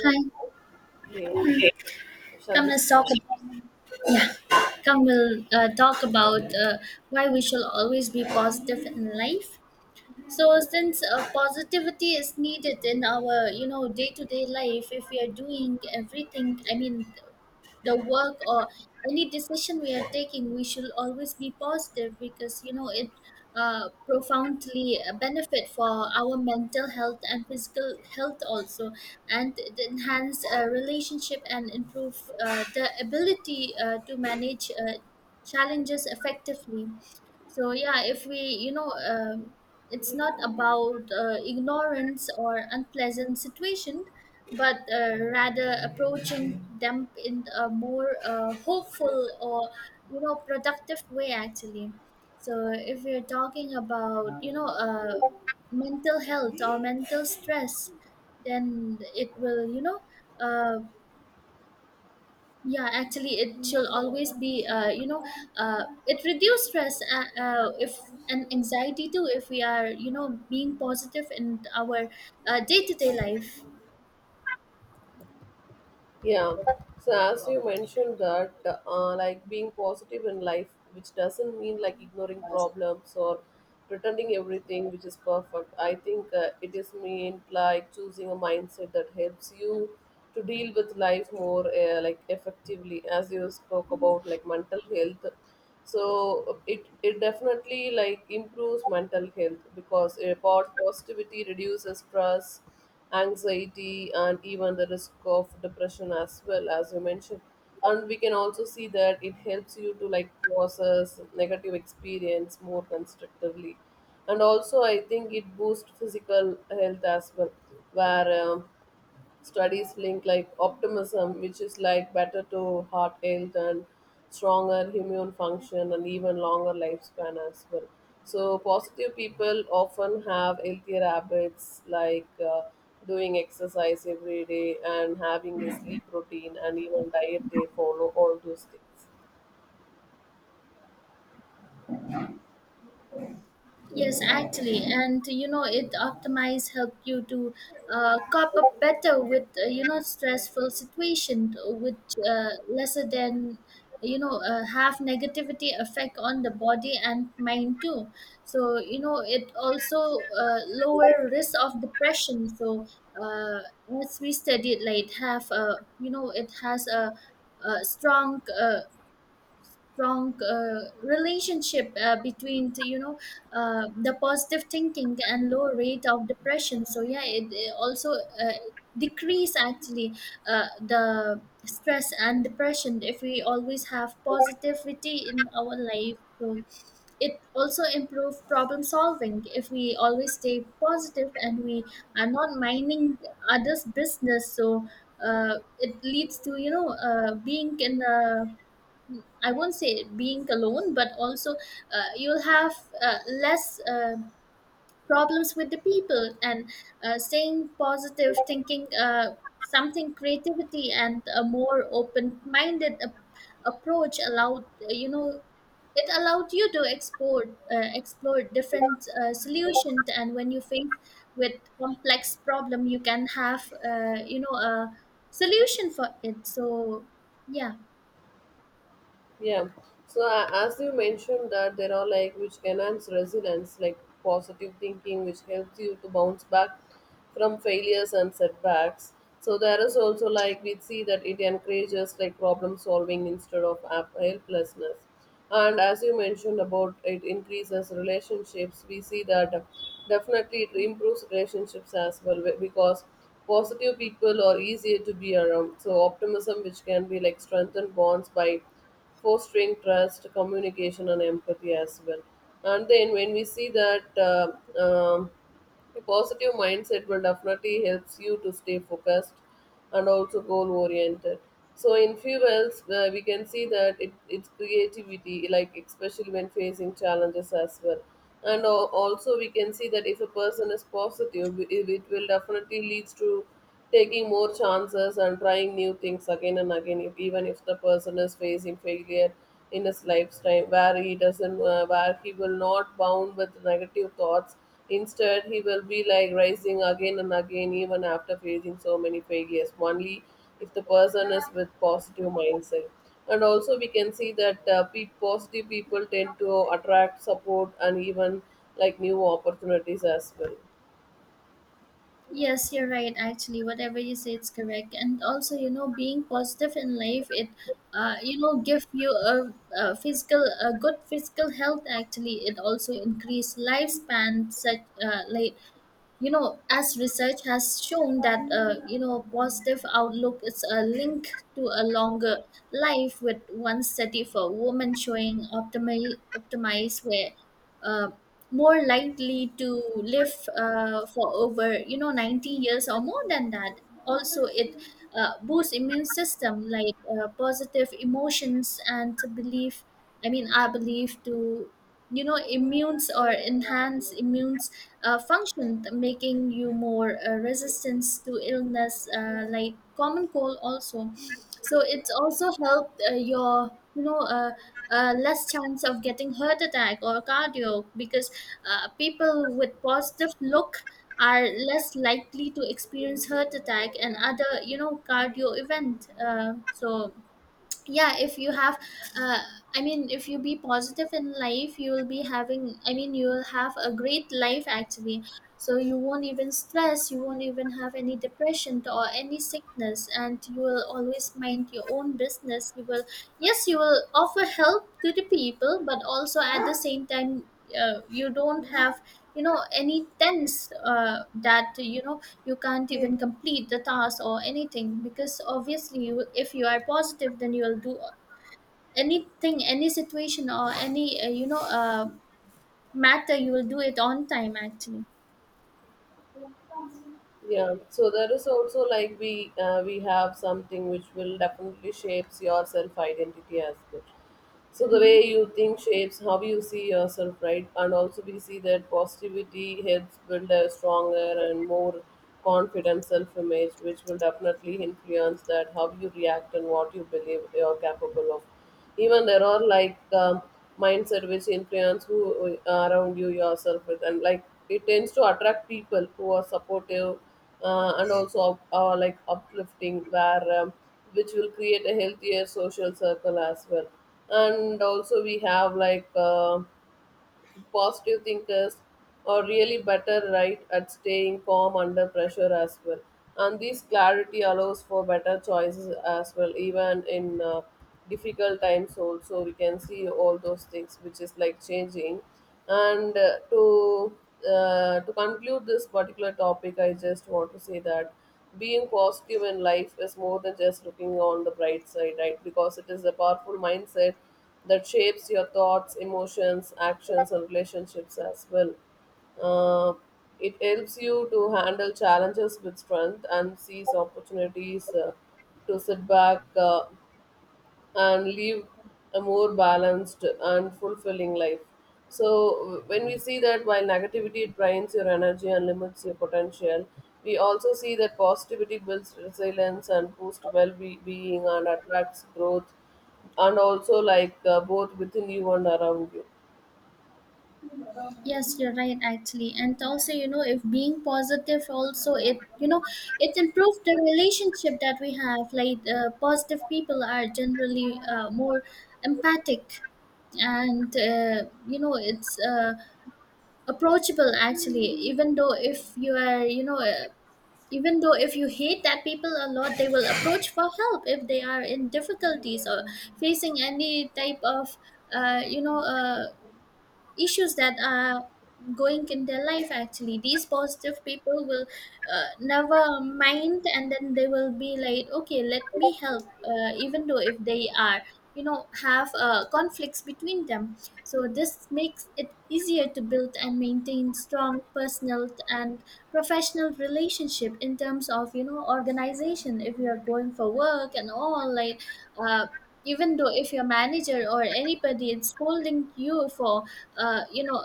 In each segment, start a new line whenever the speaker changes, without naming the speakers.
Yeah,
Hi,
okay. Shall
come
we
let's talk
stop?
about, come we'll talk about uh, why we shall always be positive in life. So since positivity is needed in our you know day to day life, if we are doing everything, I mean the work or any decision we are taking we should always be positive because you know it profoundly benefit for our mental health and physical health also, and it enhance relationship and improve the ability to manage challenges effectively. So yeah, if we you know it's not about ignorance or unpleasant situation, but rather approaching them in a more hopeful or you know productive way actually. So if we're talking about you know mental health or mental stress, then it will you know uh, yeah, actually it should always be you know it reduce stress if and anxiety too if we are you know being positive in our day-to-day life.
Yeah. So as you mentioned that, like being positive in life, which doesn't mean like ignoring problems or pretending everything which is perfect. I think it is meant like choosing a mindset that helps you to deal with life more like effectively. As you spoke about like mental health, so it definitely like improves mental health because positivity reduces stress anxiety and even the risk of depression as well as you mentioned, and we can also see that it helps you to like process negative experience more constructively, and also I think it boosts physical health as well where studies link like optimism, which is like better to heart health and stronger immune function and even longer lifespan as well. So positive people often have healthier habits like doing exercise every day and having a sleep routine and even diet they follow all those things.
Yes, actually, and you know, it optimize helped you to cope up better with you know stressful situation, which lesser than you know have negativity effect on the body and mind too. So you know, it also lower risk of depression. So uh, as we studied, like it have you know, it has a strong relationship between the, you know the positive thinking and low rate of depression. So yeah, it also decrease actually the stress and depression if we always have positivity in our life. So it also improve problem solving if we always stay positive and we are not minding others business. So it leads to you know being in a, I won't say being alone, but also you'll have less problems with the people, and staying positive, thinking something creativity and a more open-minded approach allowed you know it allowed you to explore different solutions, and when you face with complex problem you can have you know a solution for it. So yeah.
Yeah. So as you mentioned that there are like which enhance resilience, like positive thinking, which helps you to bounce back from failures and setbacks. So there is also like we see that it encourages like problem solving instead of helplessness, and as you mentioned about it increases relationships, we see that definitely it improves relationships as well because positive people are easier to be around, so optimism which can be like strengthen bonds by fostering trust communication and empathy as well. And then when we see that a positive mindset will definitely helps you to stay focused and also goal oriented. So in fuels, we can see that it's creativity, like especially when facing challenges as well. And also we can see that if a person is positive, it will definitely leads to taking more chances and trying new things again and again if, even if the person is facing failure in his lifetime where he doesn't where he will not bound with negative thoughts, instead he will be like rising again and again even after facing so many failures, only if the person is with positive mindset. And also we can see that positive people tend to attract support and even like new opportunities as well.
Yes, you're right. Actually, whatever you say, it's correct. And also, you know, being positive in life, it, you know, give you a physical, a good physical health. Actually, it also increase lifespan. Such, like, you know, as research has shown that, you know, positive outlook is a link to a longer life. With one study for women showing optimize where uh, more likely to live for over you know 90 years or more than that. Also it boosts immune system, like positive emotions and to believe, I mean I believe to you know immunes or enhance immunes function, making you more resistance to illness like common cold also. So it's also helped your you know less chance of getting heart attack or cardio, because people with positive look are less likely to experience heart attack and other you know cardio event. Uh, so yeah, if you have uh, I mean if you be positive in life you will be having, I mean you will have a great life actually. So you won't even stress, you won't even have any depression or any sickness, and you will always mind your own business. You will, yes, you will offer help to the people, but also at the same time you don't have you know any tense that you know you can't even complete the task or anything, because obviously you, if you are positive then you will do anything, any situation or any you know matter, you will do it on time actually.
Yeah, so there is also like we have something which will definitely shapes your self identity as well. So the
Mhm.
way you think shapes how you see yourself, right? And also we see that positivity helps build a stronger and more confident self image, which will definitely influence that how you react and what you believe you're capable of. Even there are like mindset which influence who around you yourself with, and like it tends to attract people who are supportive and also like uplifting where which will create a healthier social circle as well. And also we have like positive thinkers are really better right at staying calm under pressure as well, and this clarity allows for better choices as well even in difficult times. Also we can see all those things which is like changing, and to conclude this particular topic I just want to say that being positive in life is more than just looking on the bright side, right? Because it is a powerful mindset that shapes your thoughts, emotions, actions, and relationships as well. Uh, it helps you to handle challenges with strength and seize opportunities to sit back. And live a more balanced and fulfilling life. So, when we see that while negativity drains your energy and limits your potential, we also see that positivity builds resilience and boosts well being and attracts growth, and also like both within you and around you.
Yes, you're right actually, and also you know if being positive also, it you know it improves the relationship that we have, like positive people are generally more empathic and you know it's approachable actually. Even though if you are you know even though if you hate that people a lot, they will approach for help if they are in difficulties or facing any type of you know issues that are going in their life, actually these positive people will never mind, and then they will be like, okay, let me help, even though if they are you know have conflicts between them. So this makes it easier to build and maintain strong personal and professional relationship in terms of you know organization, if you are going for work and all, like uh, even though if your manager or anybody is scolding you for you know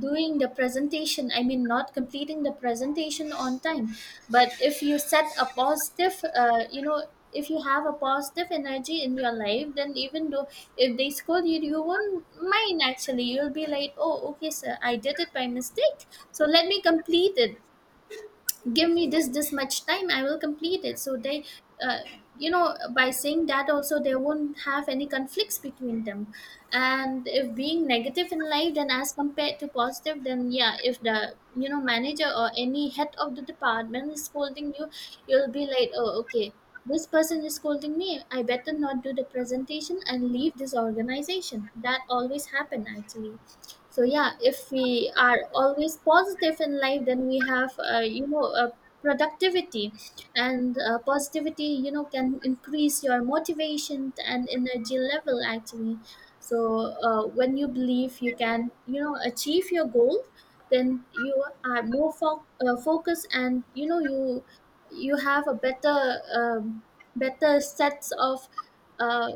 doing the presentation, I mean not completing the presentation on time, but if you set a positive you know, if you have a positive energy in your life, then even though if they scold you, you won't mind actually. You'll be like, oh okay sir, I did it by mistake, so let me complete it, give me this this much time, I will complete it. So they uh, you know, by saying that also they won't have any conflicts between them. And if being negative in life then as compared to positive, then yeah, if the you know manager or any head of the department is scolding you, you'll be like, oh okay, this person is scolding me, I better not do the presentation and leave this organization. That always happen actually. So yeah, if we are always positive in life then we have you know productivity, and positivity you know can increase your motivation and energy level actually. So when you believe you can you know achieve your goal, then you are more focused, and you know you, you have a better better sets of uh,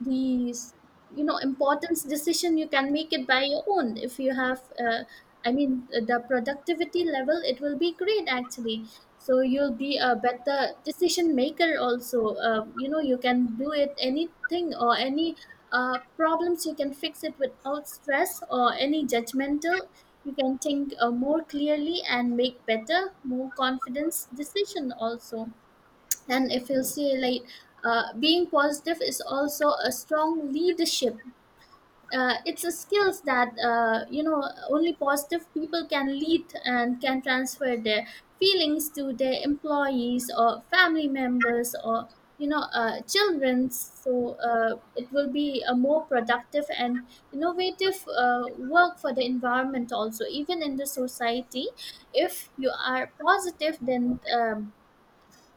these you know importance decision, you can make it by your own. If you have I mean the productivity level, it will be great actually. So you'll be a better decision maker also. Uh, you know you can do it anything or any problems, you can fix it without stress or any judgmental. You can think more clearly and make better, more confidence decision also. And if you see, like, being positive is also a strong leadership. It's a skills that you know only positive people can lead and can transfer their feelings to their employees or family members or you know children. So it will be a more productive and innovative work for the environment also, even in the society. If you are positive, then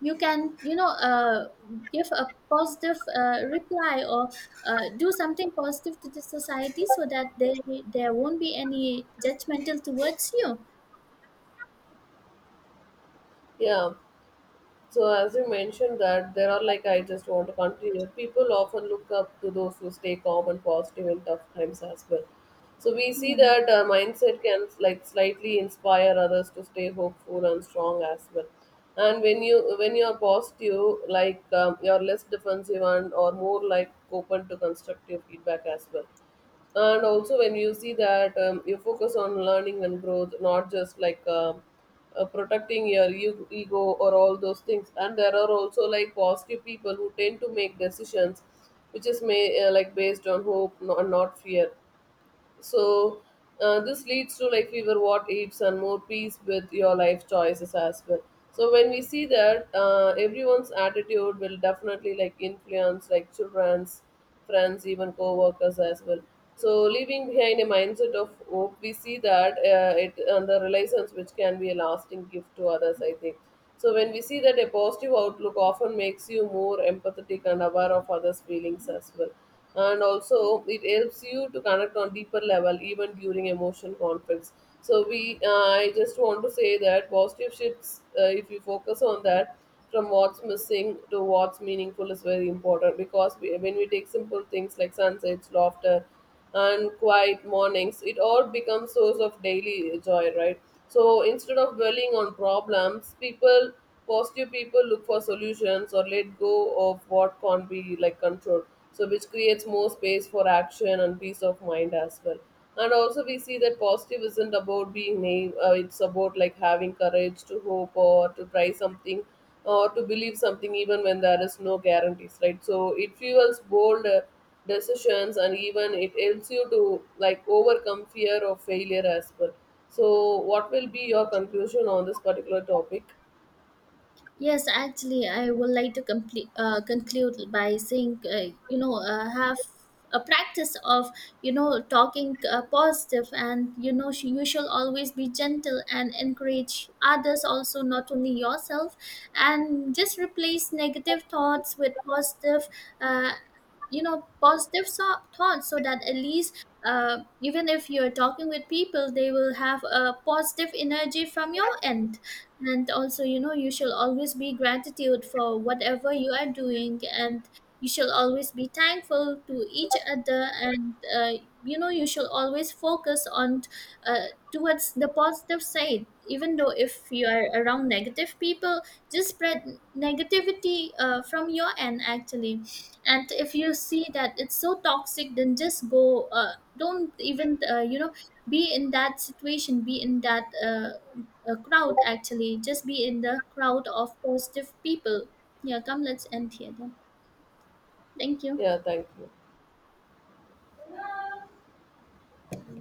you can you know give a positive reply or do something positive to the society, so that they, there won't be any judgmental towards you.
Yeah. So as you mentioned that there are like, I just want to continue. People often look up to those who stay calm and positive in tough times as well. So we see
Yeah.
that mindset can like slightly inspire others to stay hopeful and strong as well. And when you are positive, like you are less defensive and or more like open to constructive feedback as well. And also when you see that you focus on learning and growth, not just like protecting your ego or all those things. And there are also like positive people who tend to make decisions which is may like based on hope and not fear, so this leads to like fewer what ifs and more peace with your life choices as well. So when we see that everyone's attitude will definitely like influence like children's friends even co-workers as well, so leaving behind a mindset of hope, we see that it and the relations which can be a lasting gift to others I think. So when we see that a positive outlook often makes you more empathetic and aware of others feelings as well, and also it helps you to connect on deeper level even during emotion conflicts. So we I just want to say that positive shifts, if you focus on that from what's missing to what's meaningful is very important, because when we take simple things like sunsets laughter and quiet mornings, it all becomes source of daily joy, right? So instead of dwelling on problems, people positive people look for solutions or let go of what can't be like controlled, so which creates more space for action and peace of mind as well. And also we see that positive isn't about being naive, it's about like having courage to hope or to try something or to believe something even when there is no guarantees, right? So it fuels bold decisions, and even it helps you to like overcome fear of failure as well. So what will be your conclusion on this particular topic?
Yes, actually, I would like to complete, conclude by saying, you know, have a practice of, you know, talking positive and, you know, you shall always be gentle and encourage others also, not only yourself. And just replace negative thoughts with positive uh, you know positive thoughts, so that at least even if you're talking with people they will have a positive energy from your end. And also you know you shall always be gratitude for whatever you are doing, and you shall always be thankful to each other. And you know, you shall always focus on towards the positive side, even though if you are around negative people, just spread negativity from your end actually. And if you see that it's so toxic, then just go, don't even you know be in that situation, be in that crowd actually, just be in the crowd of positive people. Yeah, come let's end here then. Thank you.
Yeah, thank you.